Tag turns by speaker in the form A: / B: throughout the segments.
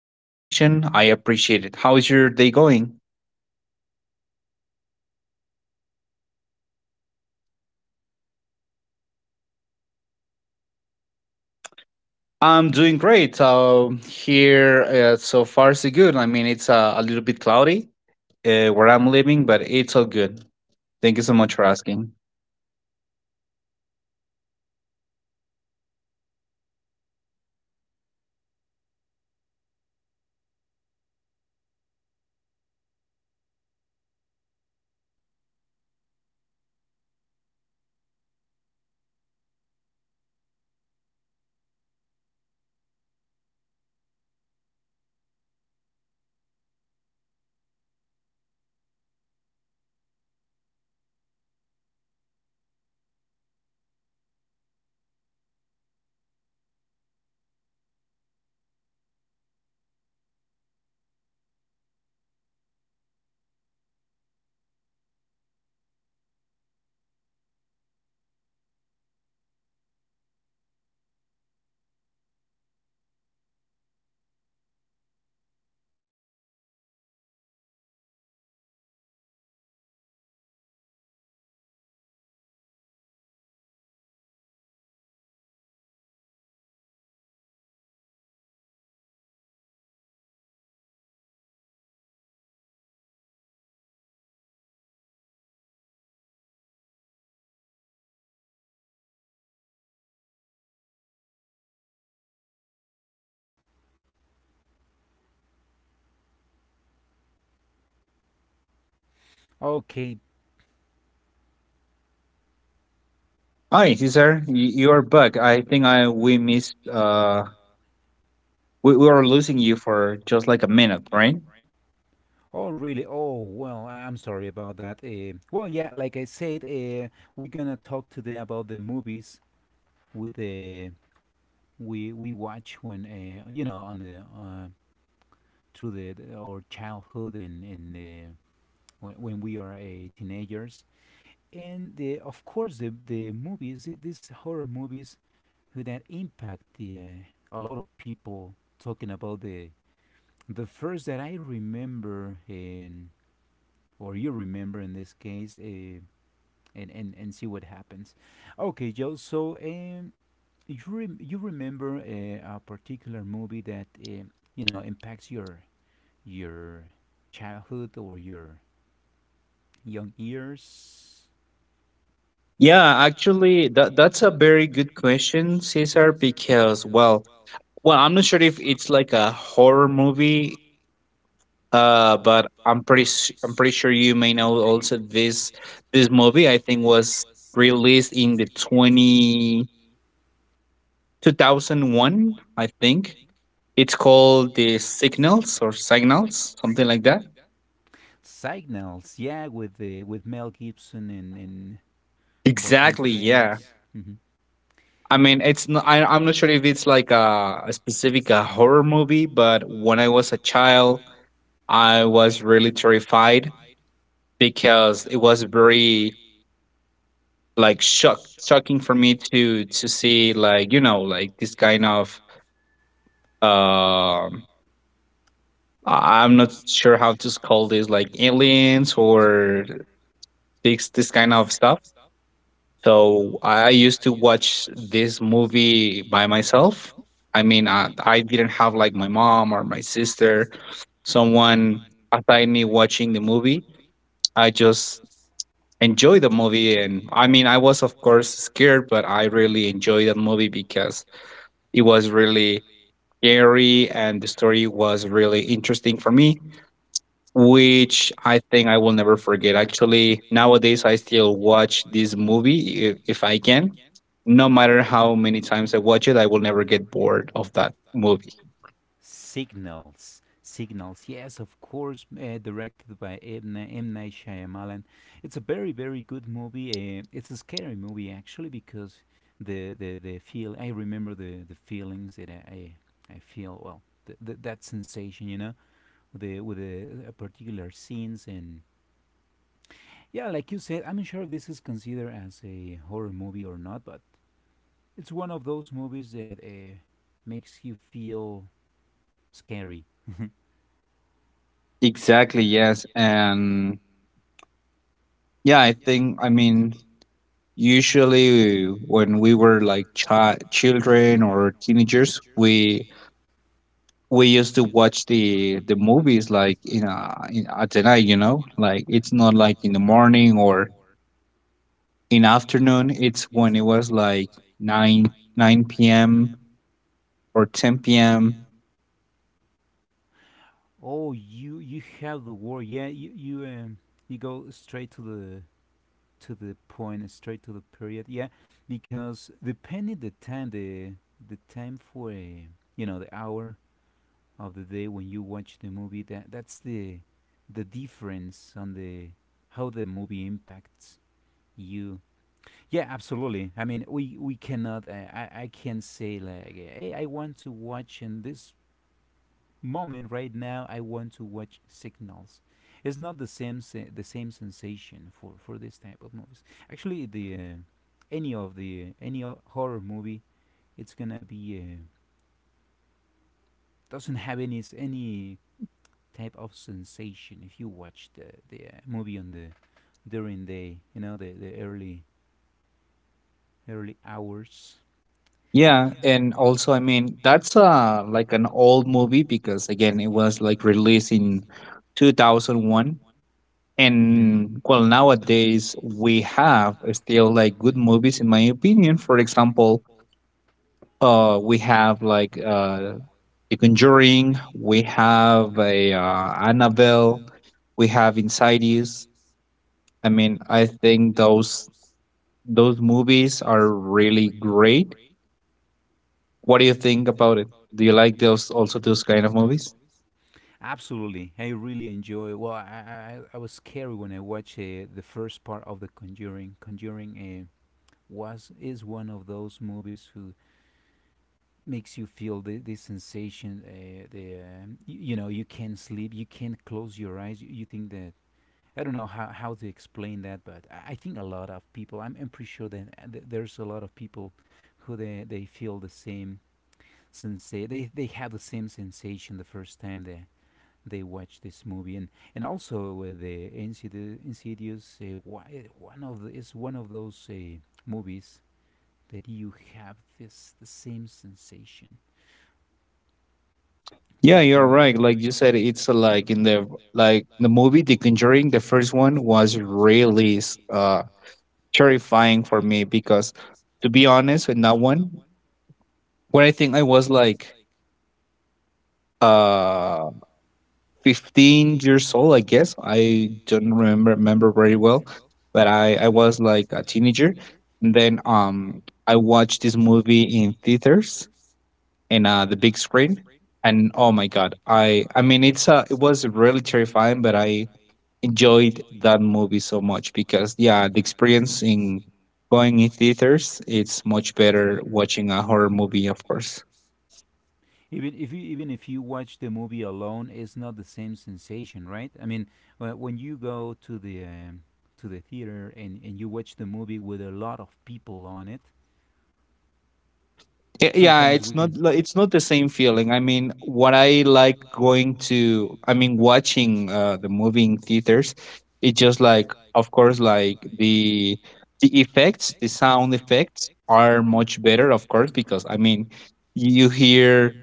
A: for the invitation. I appreciate it. How is your day going? I'm doing great. Here, so far so good. I mean, it's a little bit cloudy where I'm living, but it's all good. Thank you so much for asking.
B: Okay.
A: Hi, Cesar. You are back. I think I we missed. We were losing you for just like a minute, right?
B: Oh, really? Oh, well, I'm sorry about that. Yeah, like I said, we're gonna talk today about the movies with the we watch when you know on the through our childhood and when we are teenagers, and the of course the movies these horror movies who that impact the a lot of people, talking about the first that I remember, in or you remember in this case, and see what happens. Okay, Joe. You remember a particular movie that you know impacts your childhood or your young years?
A: Yeah, actually, that's a very good question, Cesar, because well, I'm not sure if it's like a horror movie, but I'm pretty sure you may know also this movie. I think was released in the 20 2001. I think. It's called The Signals or Signals, something like that.
B: Signals, yeah, with Mel Gibson and Joaquin
A: Exactly,
B: Exactly,
A: yeah.
B: Phoenix. Yeah.
A: I mean, it's not, I'm not sure if it's like a specific horror movie, but when I was a child, I was really terrified because it was very like shocking for me to see, like, you know, like this kind of um I'm not sure how to call this, like aliens or this kind of stuff. So I used to watch this movie by myself. I mean, I didn't have like my mom or my sister, someone aside me watching the movie. I just enjoy the movie. And I mean, I was of course scared, but I really enjoyed that movie because it was really scary, and the story was really interesting for me, which I think I will never forget. Actually, nowadays I still watch this movie if I can. No matter how many times I watch it, I will never get bored of that movie.
B: Signals. Signals, yes, of course, directed by M. Night Shyamalan. It's a very, very good movie. It's a scary movie actually because the feel. I remember the feelings that I feel. Well, that sensation, you know, the with the particular scenes. And yeah, like you said, I'm not sure this is considered as a horror movie or not, but it's one of those movies that makes you feel scary.
A: Exactly, yes. And yeah, I think, I mean, usually, when we were like children or teenagers, we used to watch the movies like in, a, in at the night, you know, like it's not like in the morning or in afternoon. It's when it was like nine p.m. or ten p.m.
B: Oh, you have the word. Yeah, you go straight to the point, straight to the period. Yeah, because depending the time for you know the hour of the day when you watch the movie, that that's the difference on the how the movie impacts you. Yeah, absolutely. I mean, we cannot. I can't say like, hey, I want to watch in this moment. Right now I want to watch Signals. It's not the same sensation for this type of movies. Actually, the any of the any horror movie, it's gonna be doesn't have any type of sensation if you watch the movie on the during the, you know, the early hours.
A: Yeah, and also, I mean, that's like an old movie, because again it was like released in 2001.
B: Hmm.
A: And well, nowadays we have still like good movies, in my opinion. For example, we have like The Conjuring, we have a Annabelle, we have Insidious. I mean, I think those movies are really great. What do you think about it? Do you like those also, those kind of movies?
B: Absolutely, I really enjoy. Well, I was scared when I watched the first part of the Conjuring. Conjuring was is one of those movies who makes you feel the sensation. The You, you know you can't sleep, you can't close your eyes. You think that I don't know how to explain that, but I think a lot of people. I'm pretty sure that there's a lot of people who they feel the same sensation. They have the same sensation the first time they watch this movie, and also the Insidious, Insidious is one of those movies that you have this the same sensation. Let
A: Yeah,
B: me
A: you're
B: Yeah, think. Yeah,
A: right. Like you said, it's like in the like the movie The Conjuring, the first one was really uh terrifying for me because, to be honest, in that one when I think I was like uh 15 years old, I guess, I don't remember very well, but I was like a teenager. And then I watched this movie in theaters, in the big screen. And oh my god, I mean, it's it was really terrifying, but I enjoyed that movie so much because, yeah, the experience in going in theaters, it's much better watching a horror movie, of course.
B: Even if you watch the movie alone, it's not the same sensation, right? I mean, when you go to the theater and you watch the movie with a lot of people on it,
A: Yeah,
B: sometimes we can,
A: it's not the same feeling. I mean, what I like going to, I mean watching the movie in theaters, it's just like, of course, like the effects, the sound effects are much better, of course, because, I mean, you hear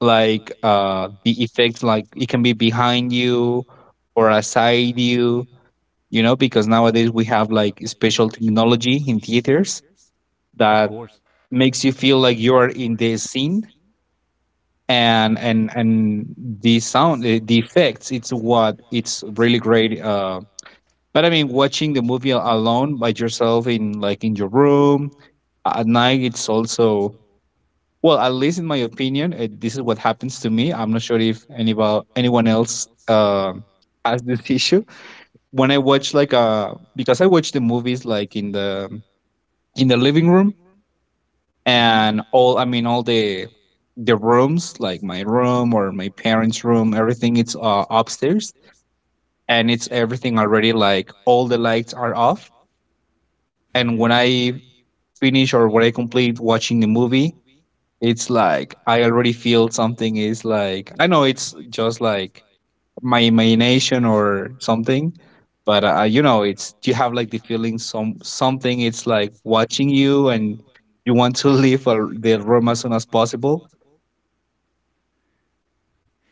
A: like the effects, like it can be behind you or aside you, you know, because nowadays we have like special technology in theaters
B: of
A: that
B: course.
A: makes you feel like you are in the scene. And and the sound, the effects, it's what, it's really great. But I mean, watching the movie alone by yourself in, like in your room at night, it's also, well, at least in my opinion, this is what happens to me. I'm not sure if anyone else has this issue. When I watch, like because I watch the movies like in the living room,
B: Hmm.
A: and all, I mean, all the rooms like my room or my parents' room, everything, it's upstairs, and it's everything already like all the lights are off. And
B: Mhm.
A: when I finish, or when I complete watching the movie, it's like I already feel something is, like, I know it's just like my imagination or something, but you know, it's you have like the feeling something it's like watching you, and you want to leave the room as soon as possible.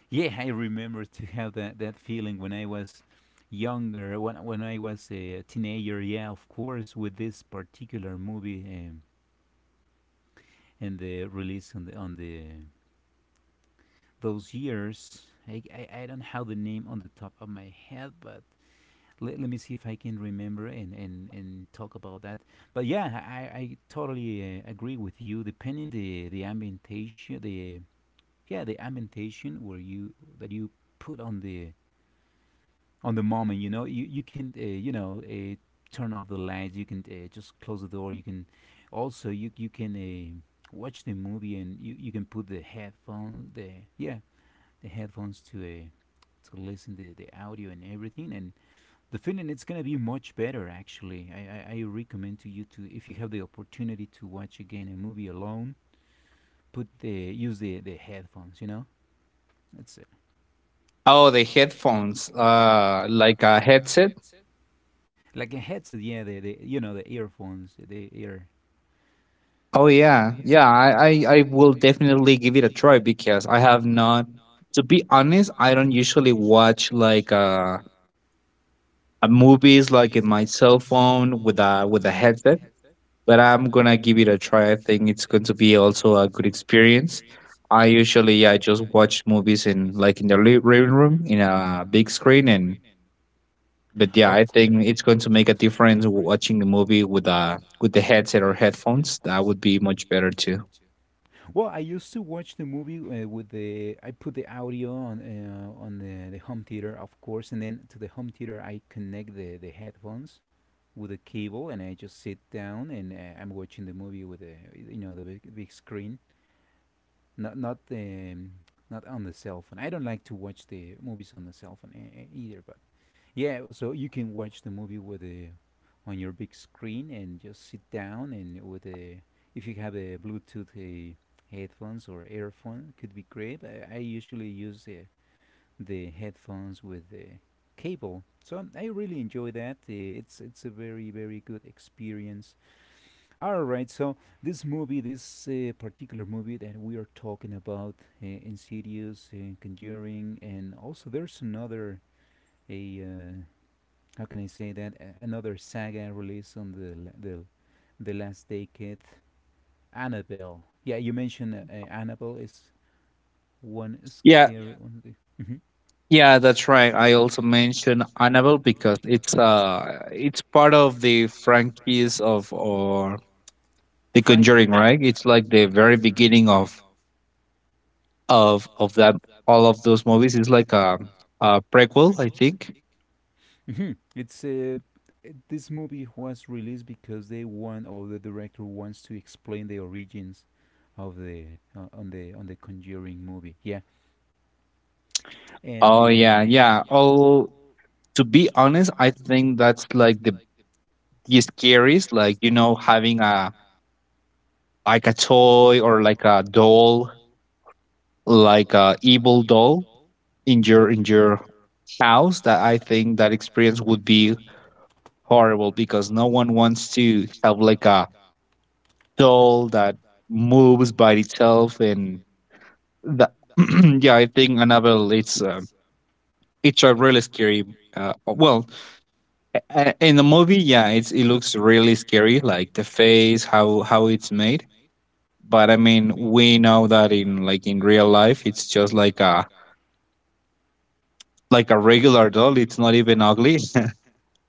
B: Yeah, I remember to have that, that feeling when I was younger, when I was a teenager. Yeah, of course, with this particular movie, and the release on the those years. I don't have the name on the top of my head, but let me see if I can remember and, and talk about that. But yeah, I totally agree with you. Depending the ambientation, the yeah the ambientation where you that you put on the moment, you know you you can you know turn off the lights, you can just close the door, you can also you can watch the movie and you can put the headphone the yeah the headphones to listen the audio and everything. And the feeling it's gonna be much better. Actually, I I recommend to you to, if you have the opportunity, to watch again a movie alone, put the use the headphones, you know. It's
A: Oh, the headphones, like a headset.
B: like a headset, yeah, the you know the earphones, the ear.
A: Oh yeah, yeah. I will definitely give it a try, because I have not. To be honest, I don't usually watch like a movies like in my cell phone with a headset, but I'm gonna give it a try. I think it's going to be also a good experience. I usually, yeah, I just watch movies in like in the living room in a big screen. And but yeah, I
B: Of course.
A: think it's going to make a difference watching a movie with a with the headset or headphones. That would be much better too.
B: Well, I used to watch the movie with the I put the audio on the home theater, of course, and then to the home theater I connect the headphones with a cable, and I just sit down and I'm watching the movie with the, you know, the big, big screen, not not on the cell phone. I don't like to watch the movies on the cell phone either. But yeah, so you can watch the movie with the on your big screen and just sit down. And with a, if you have a Bluetooth headphones or earphone, could be great. I usually use the headphones with the cable, so I really enjoy that. It's a very, very good experience. All right, so this movie, this particular movie that we are talking about, Insidious, Conjuring, and also there's another a how can I say that? A- Another saga released on the last decade. Annabelle. Yeah, you mentioned Annabelle is one
A: Yeah,
B: scary one. The, Mm-hmm.
A: yeah, that's right. I also mentioned Annabelle because it's part of the franchise of or The
B: Frank. Is-
A: Conjuring, right? It's like the
B: that's
A: very beginning of of that, all of those movies. It's like a prequel, I think.
B: hmm It's this movie was released because they want, or the director wants to explain the origins of the on the Conjuring movie. Yeah, and
A: Oh
B: the
A: yeah, yeah. Oh, to be honest, I think that's like the scariest. Like, you know, having a like a toy or like a doll, like a evil doll in your house. That, I think, that experience would be horrible because no one wants to have like a doll that moves by itself and that. Yeah, I think Annabelle, it's a really scary uh, well in the movie, yeah, it's, it looks really scary, like the face, how it's made. But I mean, we know that in, like in real life, it's just like a regular doll, it's not even ugly.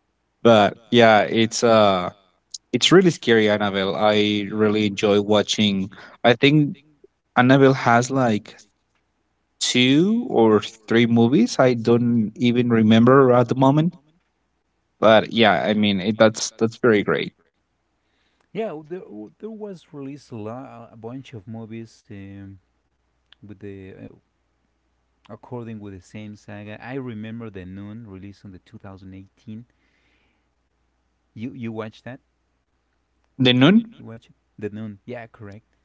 A: But yeah, it's really scary, Annabelle. I really enjoy watching. I think Annabelle has like two or three movies, I don't even remember at the moment. But yeah, I mean, it, that's very great.
B: yeah there was released a bunch of movies, with the according with the same saga. I remember the Noon released on the 2018. You you watched that?
A: The Nun?
B: You watch it? The Noon? Yeah, correct.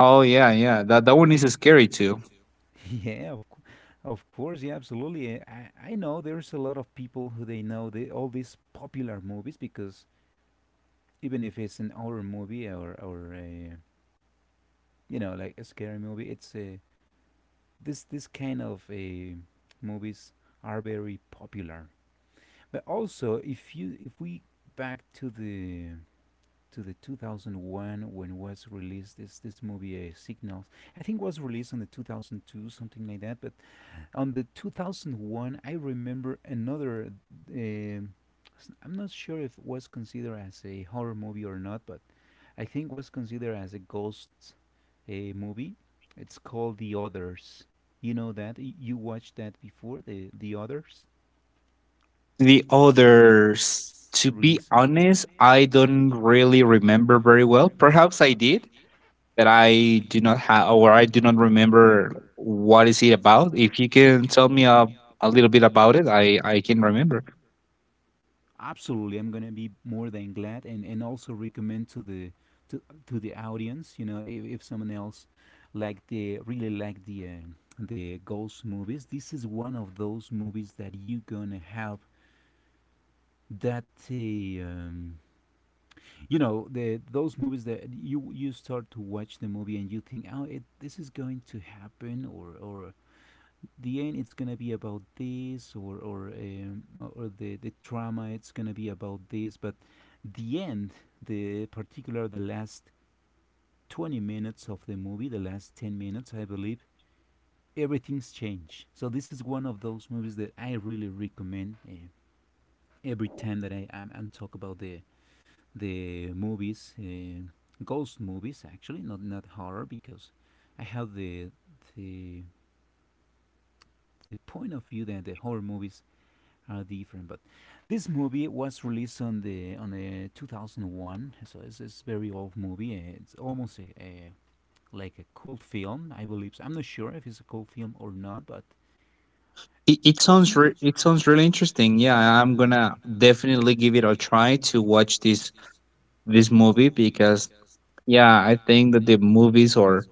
A: Oh yeah, yeah. That that one is scary too.
B: Yeah, of course. Yeah, absolutely. I know there's a lot of people who they know all these popular movies because even if it's an horror movie or a, you know, like a scary movie, it's a this this kind of a movies are very popular. But also, if we back to the 2001 when was released is this movie Signals. I think it was released in the 2002, something like that. But on the 2001, I remember another. Uh, I'm not sure if it was considered as a horror movie or not, but I think it was considered as a ghost movie. It's called The Others. You know that you watched that before the Others
A: The others, to be
B: releasing.
A: honest, I don't really remember very well. Perhaps I did, but I do not have, or I do not remember what is it about. If you can tell me a little bit about it, I can remember.
B: Absolutely, I'm gonna be more than glad and also recommend to to, to the audience, you know, if someone else the really like the ghost movies, this is one of those movies that you gonna have that you know, the those movies that you start to watch the movie and you think, oh, this is going to happen, or the end it's gonna be about this, or the trauma it's gonna be about this. But the end, the particular the last 20 minutes of the movie, the last 10 minutes, I believe, everything's changed. So this is one of those movies that I really recommend. Every time that I am and talk about the movies, ghost movies actually, not not horror, because I have the the point of view that the horror movies are different. But this movie was released on the 2001, so it's a very old movie. It's almost a like a cult film, I believe. So I'm not sure if it's a cult film or not, but
A: It,
B: was not
A: it sounds really interesting. Yeah, I'm gonna definitely give it a try to watch this this movie because, yeah, I think that the movies, or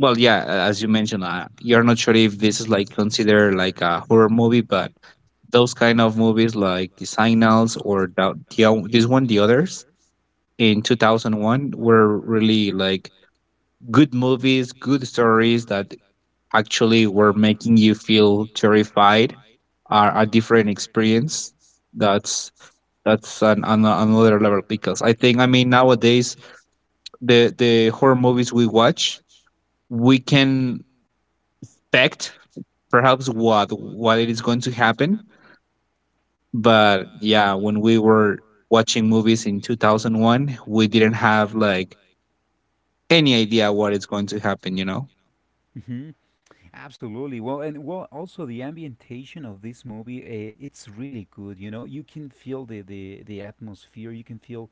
A: well, yeah, as you mentioned, you're not sure if this is like considered like a horror movie, but those kind of movies like The Signals or this one, The Others, in 2001, were really like good movies, good stories that actually were making you feel terrified. Are a different experience. That's that's an another level, because I think, I mean, nowadays the horror movies we watch, we can expect perhaps what it is going to happen. But yeah, when we were watching movies in 2001, we didn't have like any idea what is going to happen, you know.
B: hmm. Absolutely. Well, also the ambientation of this movie, it's really good. You know, you can feel the atmosphere. You can feel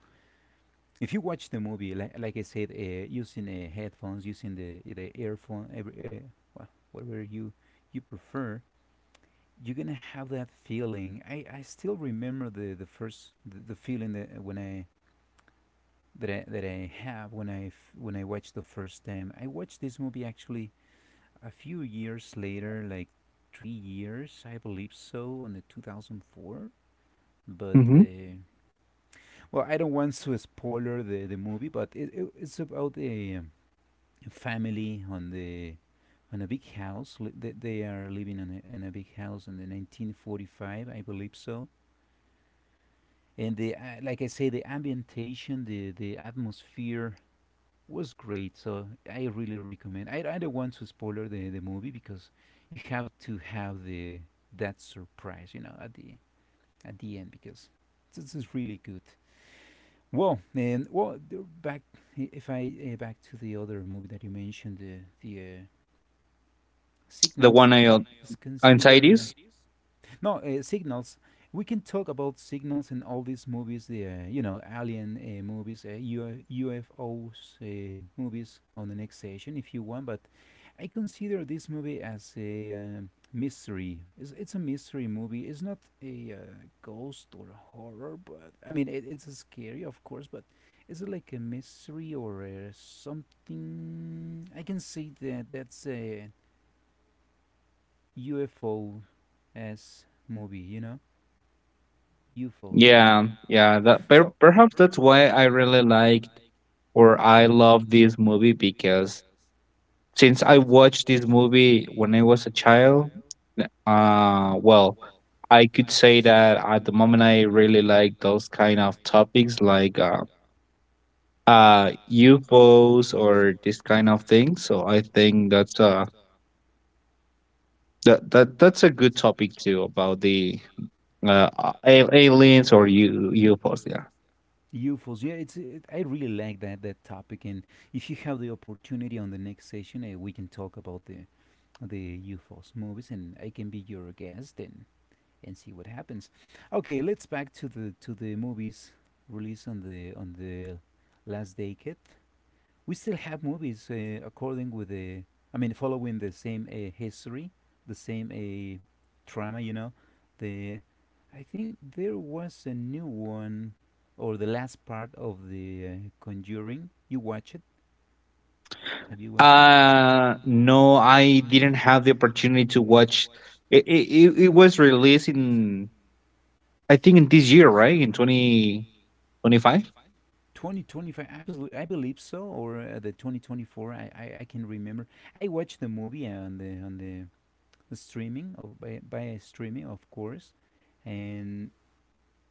B: if you watch the movie, like I said, using headphones, using the earphone, every, well, whatever you prefer, you're gonna have that feeling. I still remember the first the feeling that when I that I, that I have when when I watched the first time. I watched this movie actually a few years later, like 3 years, I believe so, on the 2004. But
A: hmm
B: uh, well, I don't want to spoiler the movie. But it's about a family on the on a big house. They are living on a, in a big house in the 1945, I believe so. And the like I say, the ambientation, the atmosphere was great. So I really recommend. I don't want to spoiler the movie because you have to have the that surprise, you know, at the end because this is really good. Well, and well, the- back if I back to the other movie that you mentioned, the
A: the
B: signals
A: one I,
B: is considered.
A: anxieties.
B: No Signals, we can talk about signals in all these movies, the you know, alien movies, UFOs movies, on the next session if you want. But I consider this movie as a mystery. It's a mystery movie. It's not a ghost or a horror, but I mean it's scary of course. But is it like a mystery or something? I can say that that's UFO as movie, you know? UFOs.
A: Yeah, yeah, that
B: So-
A: perhaps that's why I really liked, or I love this movie, because since I watched this movie when I was a child, n- uh, well, I could say that at the moment I really like those kind of topics, like UFOs, or this kind of thing. So I think that's that that's a good topic too, about the uh, aliens or UFOs. Yeah.
B: UFOs. Yeah, it's I really like that topic. And if you have the opportunity on the next session, we can talk about the UFOs movies, and I can be your guest and see what happens. Okay, let's back to the movies released on the last decade. We still have movies according with the, I mean, following the same history, the same trauma, you know. The I think there was a new one, or the last part of the Conjuring. You watch it? Have you watched it?
A: No, I didn't have the opportunity to watch. It it was released in, I think in this year, right? In 2025.
B: 2025, I believe so, or the 2024, I can remember. I watched the movie on the streaming, of, by streaming of course. And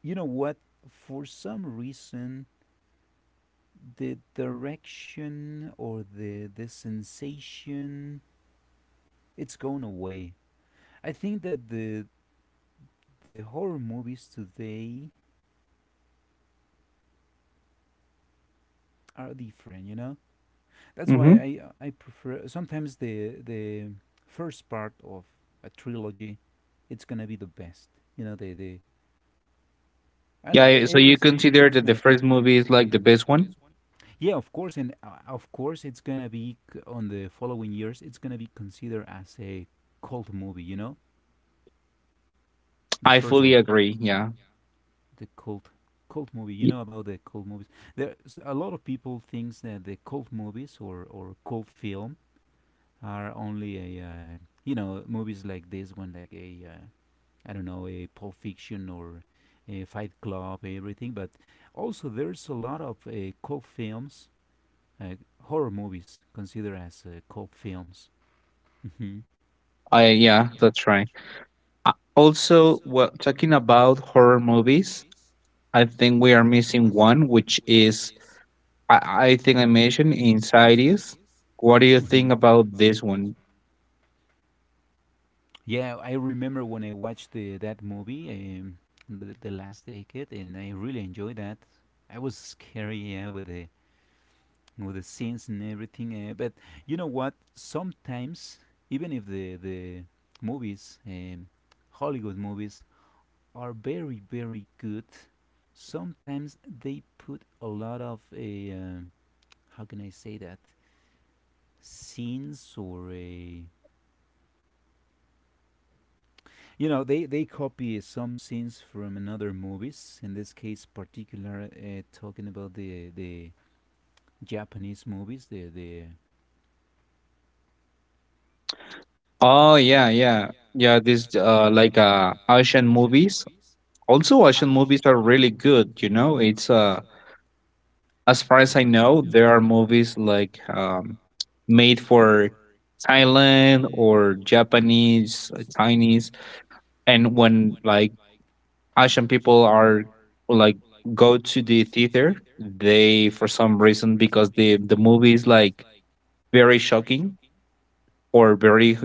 B: you know what, for some reason, the direction or the sensation, it's gone away. I think that the horror movies today are different, you know. That's why
A: hmm
B: I prefer sometimes the first part of a trilogy. It's gonna be the best, you know, the I know
A: Yeah.
B: it
A: Yeah, so you
B: is.
A: consider
B: That's
A: that
B: my
A: the first
B: opinion.
A: movie is like the best one?
B: Yeah, of course. And of course it's gonna be on the following years, it's gonna be considered as a cult movie, you know, the
A: I
B: first
A: fully
B: one.
A: agree. Yeah.
B: The cult, cult movie. You
A: Y-
B: know about the cult movies. There's a lot of people thinks that the cult movies or cult film are only a you know, movies like this one, like a I don't know, a Pulp Fiction or a Fight Club, everything. But also there's a lot of cult films, uh, horror movies considered as cult films. Hmm.
A: I, yeah, that's right. Also, well, talking about horror movies, I think we are missing one, which is, I, I think I mentioned Insidious. What do you think
B: Mhm.
A: about this one?
B: Yeah, I remember when I watched that movie, um, the last decade, and I really enjoyed that. I was scary, yeah, with the, with the scenes and everything. But you know what? Sometimes, even if the movies, Hollywood movies, are very very good, sometimes they put a lot of a how can I say that, scenes or a, you know, they copy some scenes from another movies. In this case, particular, talking about the Japanese movies, the.
A: Oh yeah, yeah, yeah. This like Asian movies. Also, Asian movies are really good. You know, it's As far as I know, there are movies like made for Thailand or Japanese, Chinese, and when Asian people are like go to the theater, they for some reason because the movie is like very shocking or very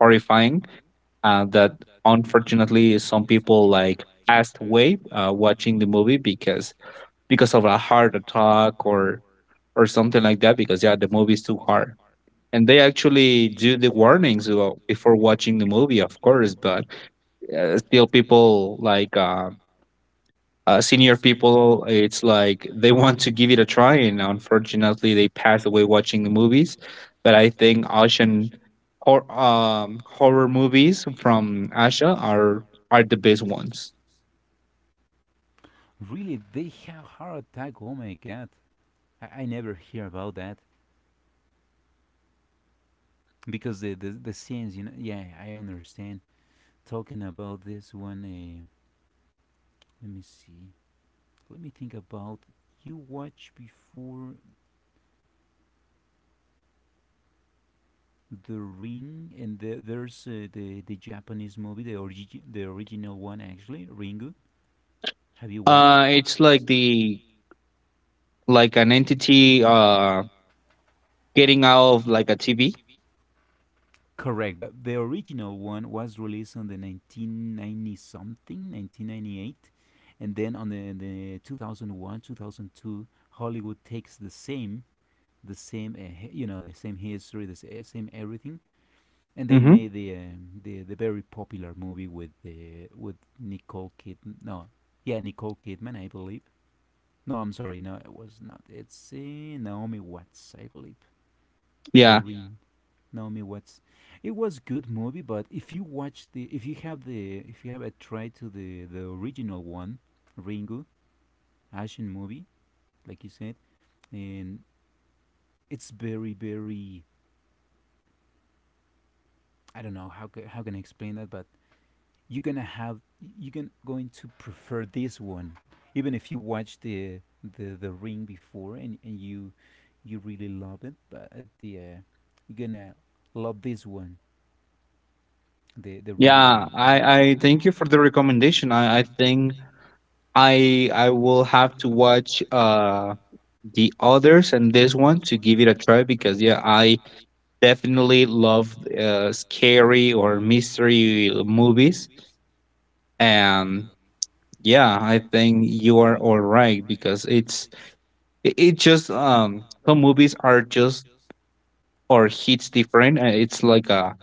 A: horrifying that unfortunately some people like passed away watching the movie because of a heart attack or something like that because yeah the movie is too hard, and they actually do the warnings before watching the movie, of course. But still people like senior people, it's like they want to give it a try, and unfortunately, they pass away watching the movies. But I think Asian horror movies from Asia are the best ones.
B: Really, they have heart attack. Oh my god, I never hear about that because the scenes, you know. Yeah, I understand. Talking about this one, let me see. Let me think about, you watch before, The Ring, and there's the Japanese movie, the original one actually, Ringu. Have you watched it?
A: It's like the like an entity getting out of like a TV.
B: Correct, but the original one was released on the 1990 something, 1998, and then on the 2001, 2002, Hollywood takes the same, you know, the same history, the same everything, and they
A: Mm-hmm.
B: made the the very popular movie with the, with Nicole Kidman. No, yeah, Nicole Kidman, I believe. No, I'm sorry, no, it was not. It's Naomi Watts, I believe. The
A: Yeah,
B: Ring. Yeah. Naomi Watts. It was good movie, but if you watch the, if you have the, if you have a try to the original one, Ringu, Asian movie, like you said, and it's very very, I don't know how how can I explain that, but you're gonna have, going to prefer this one, even if you watch the ring before, and you you really love it. But at the you're gonna love this one, the Ringo.
A: yeah. I
B: You?
A: I thank you for the recommendation. I think I will have to watch the others and this one to give it a try, because yeah I definitely love scary or mystery movies, and yeah I think you are all right because it's it just some movies are just or hits different, and it's like a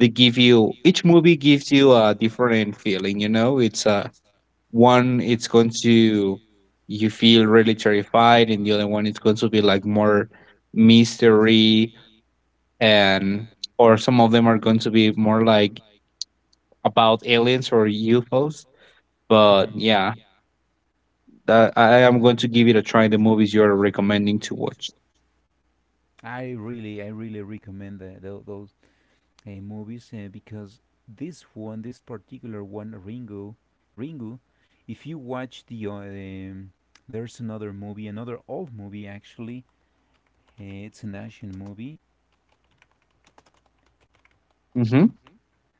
A: they give you each movie gives you a different feeling you know it's one it's going to you feel really terrified, and the other one it's going to be like more mystery, and or some of them are going to be more like about aliens or UFOs. But
B: Mhm.
A: yeah, that, I am going to give it a try. The movies you're recommending to watch.
B: I really recommend that those movies, because this one, this particular one, Ringo, Ringo, if you watch there's another movie, another old movie actually. It's an Asian movie.
A: Mm-hmm.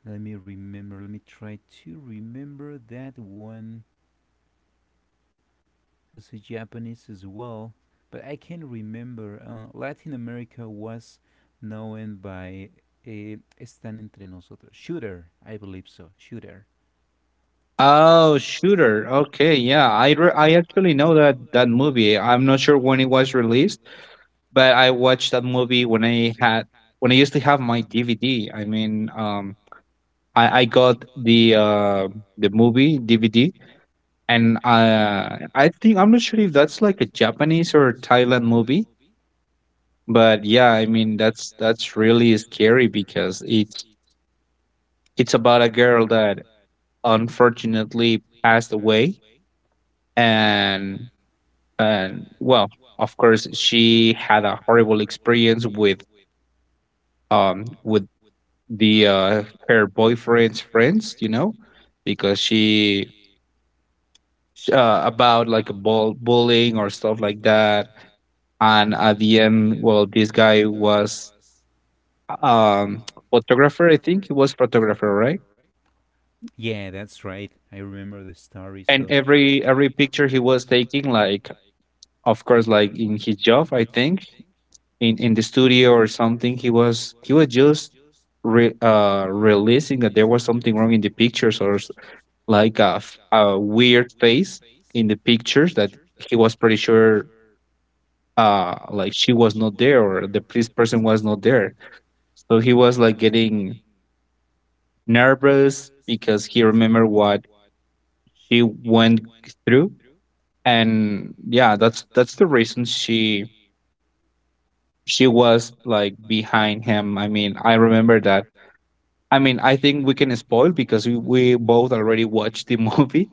B: Let me remember. Let me try to remember that one. It's a Japanese as well, but I can't remember. Latin America was known by, Están entre nosotros. Shooter, I believe so. Shooter.
A: Oh, shooter. Okay, yeah. I actually know that that movie. I'm not sure when it was released, but I watched that movie when I had when I used to have my DVD. I mean, I got the movie DVD. And I think I'm not sure if that's like a Japanese or a Thailand movie, but yeah, I mean that's really scary because it's about a girl that unfortunately passed away, and and well, of course, she had a horrible experience with the her boyfriend's friends, you know, because she about like a bullying or stuff like that. And at the end well this guy was um photographer, I think he was photographer, right?
B: Yeah, that's right. I remember the story.
A: And
B: So
A: every picture he was taking, like of course like in his job, I think in the studio or something, he was just realizing that there was something wrong in the pictures or like a, a weird face in the pictures that he was pretty sure like she was not there or the person was not there. So he was like getting nervous because he remembered what she went through. And yeah that's the reason she was like behind him, I mean I remember that. I mean I think we can spoil because we both already watched the movie,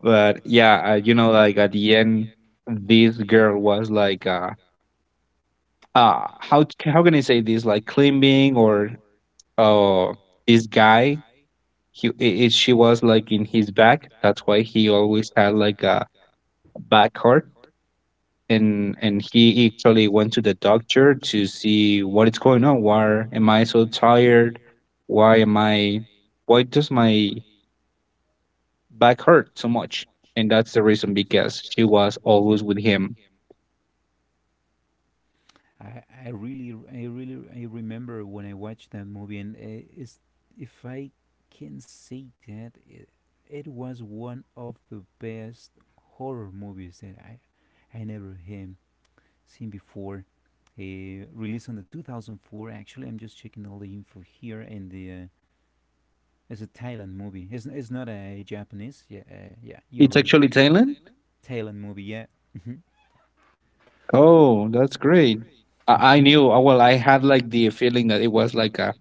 A: but yeah you know like at the end this girl was like how can I say this, like climbing or uh this guy he she was like in his back, that's why he always had like a back hurt. And he actually went to the doctor to see what is going on, why am I so tired, why am i, why does my back hurt so much. And that's the reason because she was always with him.
B: I really, I remember when I watched that movie, and it's, if I can say that, it was one of the best horror movies that I never had seen before. Released on the 2004, actually I'm just checking all the info here. And the it's a Thailand movie. It's not a Japanese. Yeah, yeah, you're
A: It's
B: right.
A: actually thailand.
B: Thailand movie. Yeah. Mhm,
A: Oh that's great. I
B: mhm.
A: knew well I had like the feeling that it was like a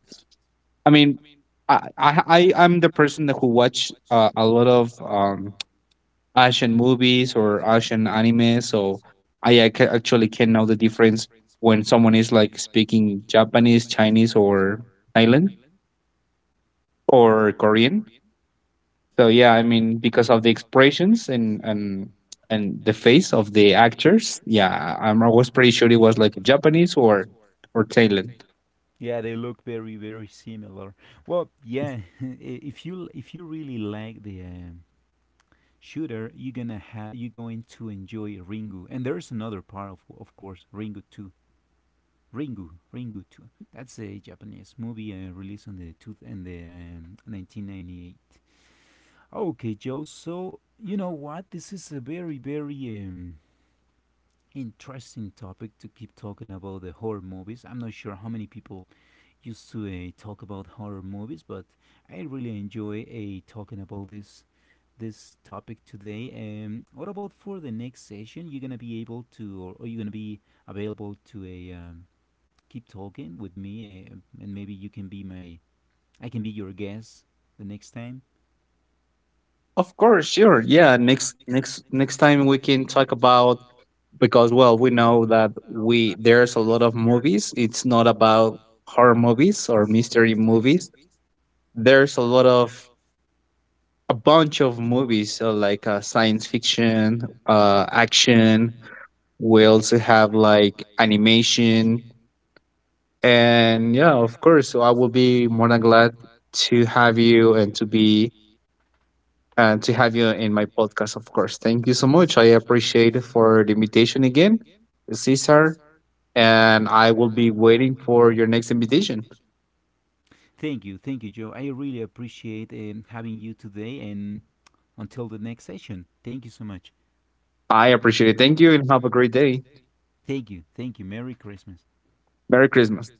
A: I mean I'm the person that who watch a lot of Asian movies or Asian anime, so I actually can know the difference when someone is like speaking Japanese, Chinese, or Thailand or Korean. So yeah, I mean because of the expressions and the face of the actors, yeah, I was pretty sure it was like Japanese or Thailand.
B: Yeah, they look very very similar. Well, yeah, if you, if you really like the shooter, you're gonna have, you're going to enjoy Ringu. And there's another part of course, Ringu 2. Ringu, Ringu 2. That's a Japanese movie released on the two and the 1998. Okay, Joe. So you know what? This is a very very um, interesting topic to keep talking about the horror movies. I'm not sure how many people used to talk about horror movies, but I really enjoy talking about this topic today. What about for the next session? You're gonna be able to, or you're gonna be available to a keep talking with me, and maybe you can be my, I can be your guest the next time.
A: Of course, sure. Yeah, next time we can talk about, because well, we know that we there's a lot of movies. It's not about horror movies or mystery movies. There's a lot of a bunch of movies like science fiction, action. We also have like animation, and yeah, of course. So I will be more than glad to have you and to be and to have you in my podcast, of course. Thank you so much. I appreciate it for the invitation again, Cesar, and I will be waiting for your next invitation.
B: Thank you, Joe. I really appreciate having you today, and until the next session, thank you so much.
A: I appreciate it. Thank you and have a great day.
B: Thank you, thank you. Merry Christmas.
A: Merry Christmas.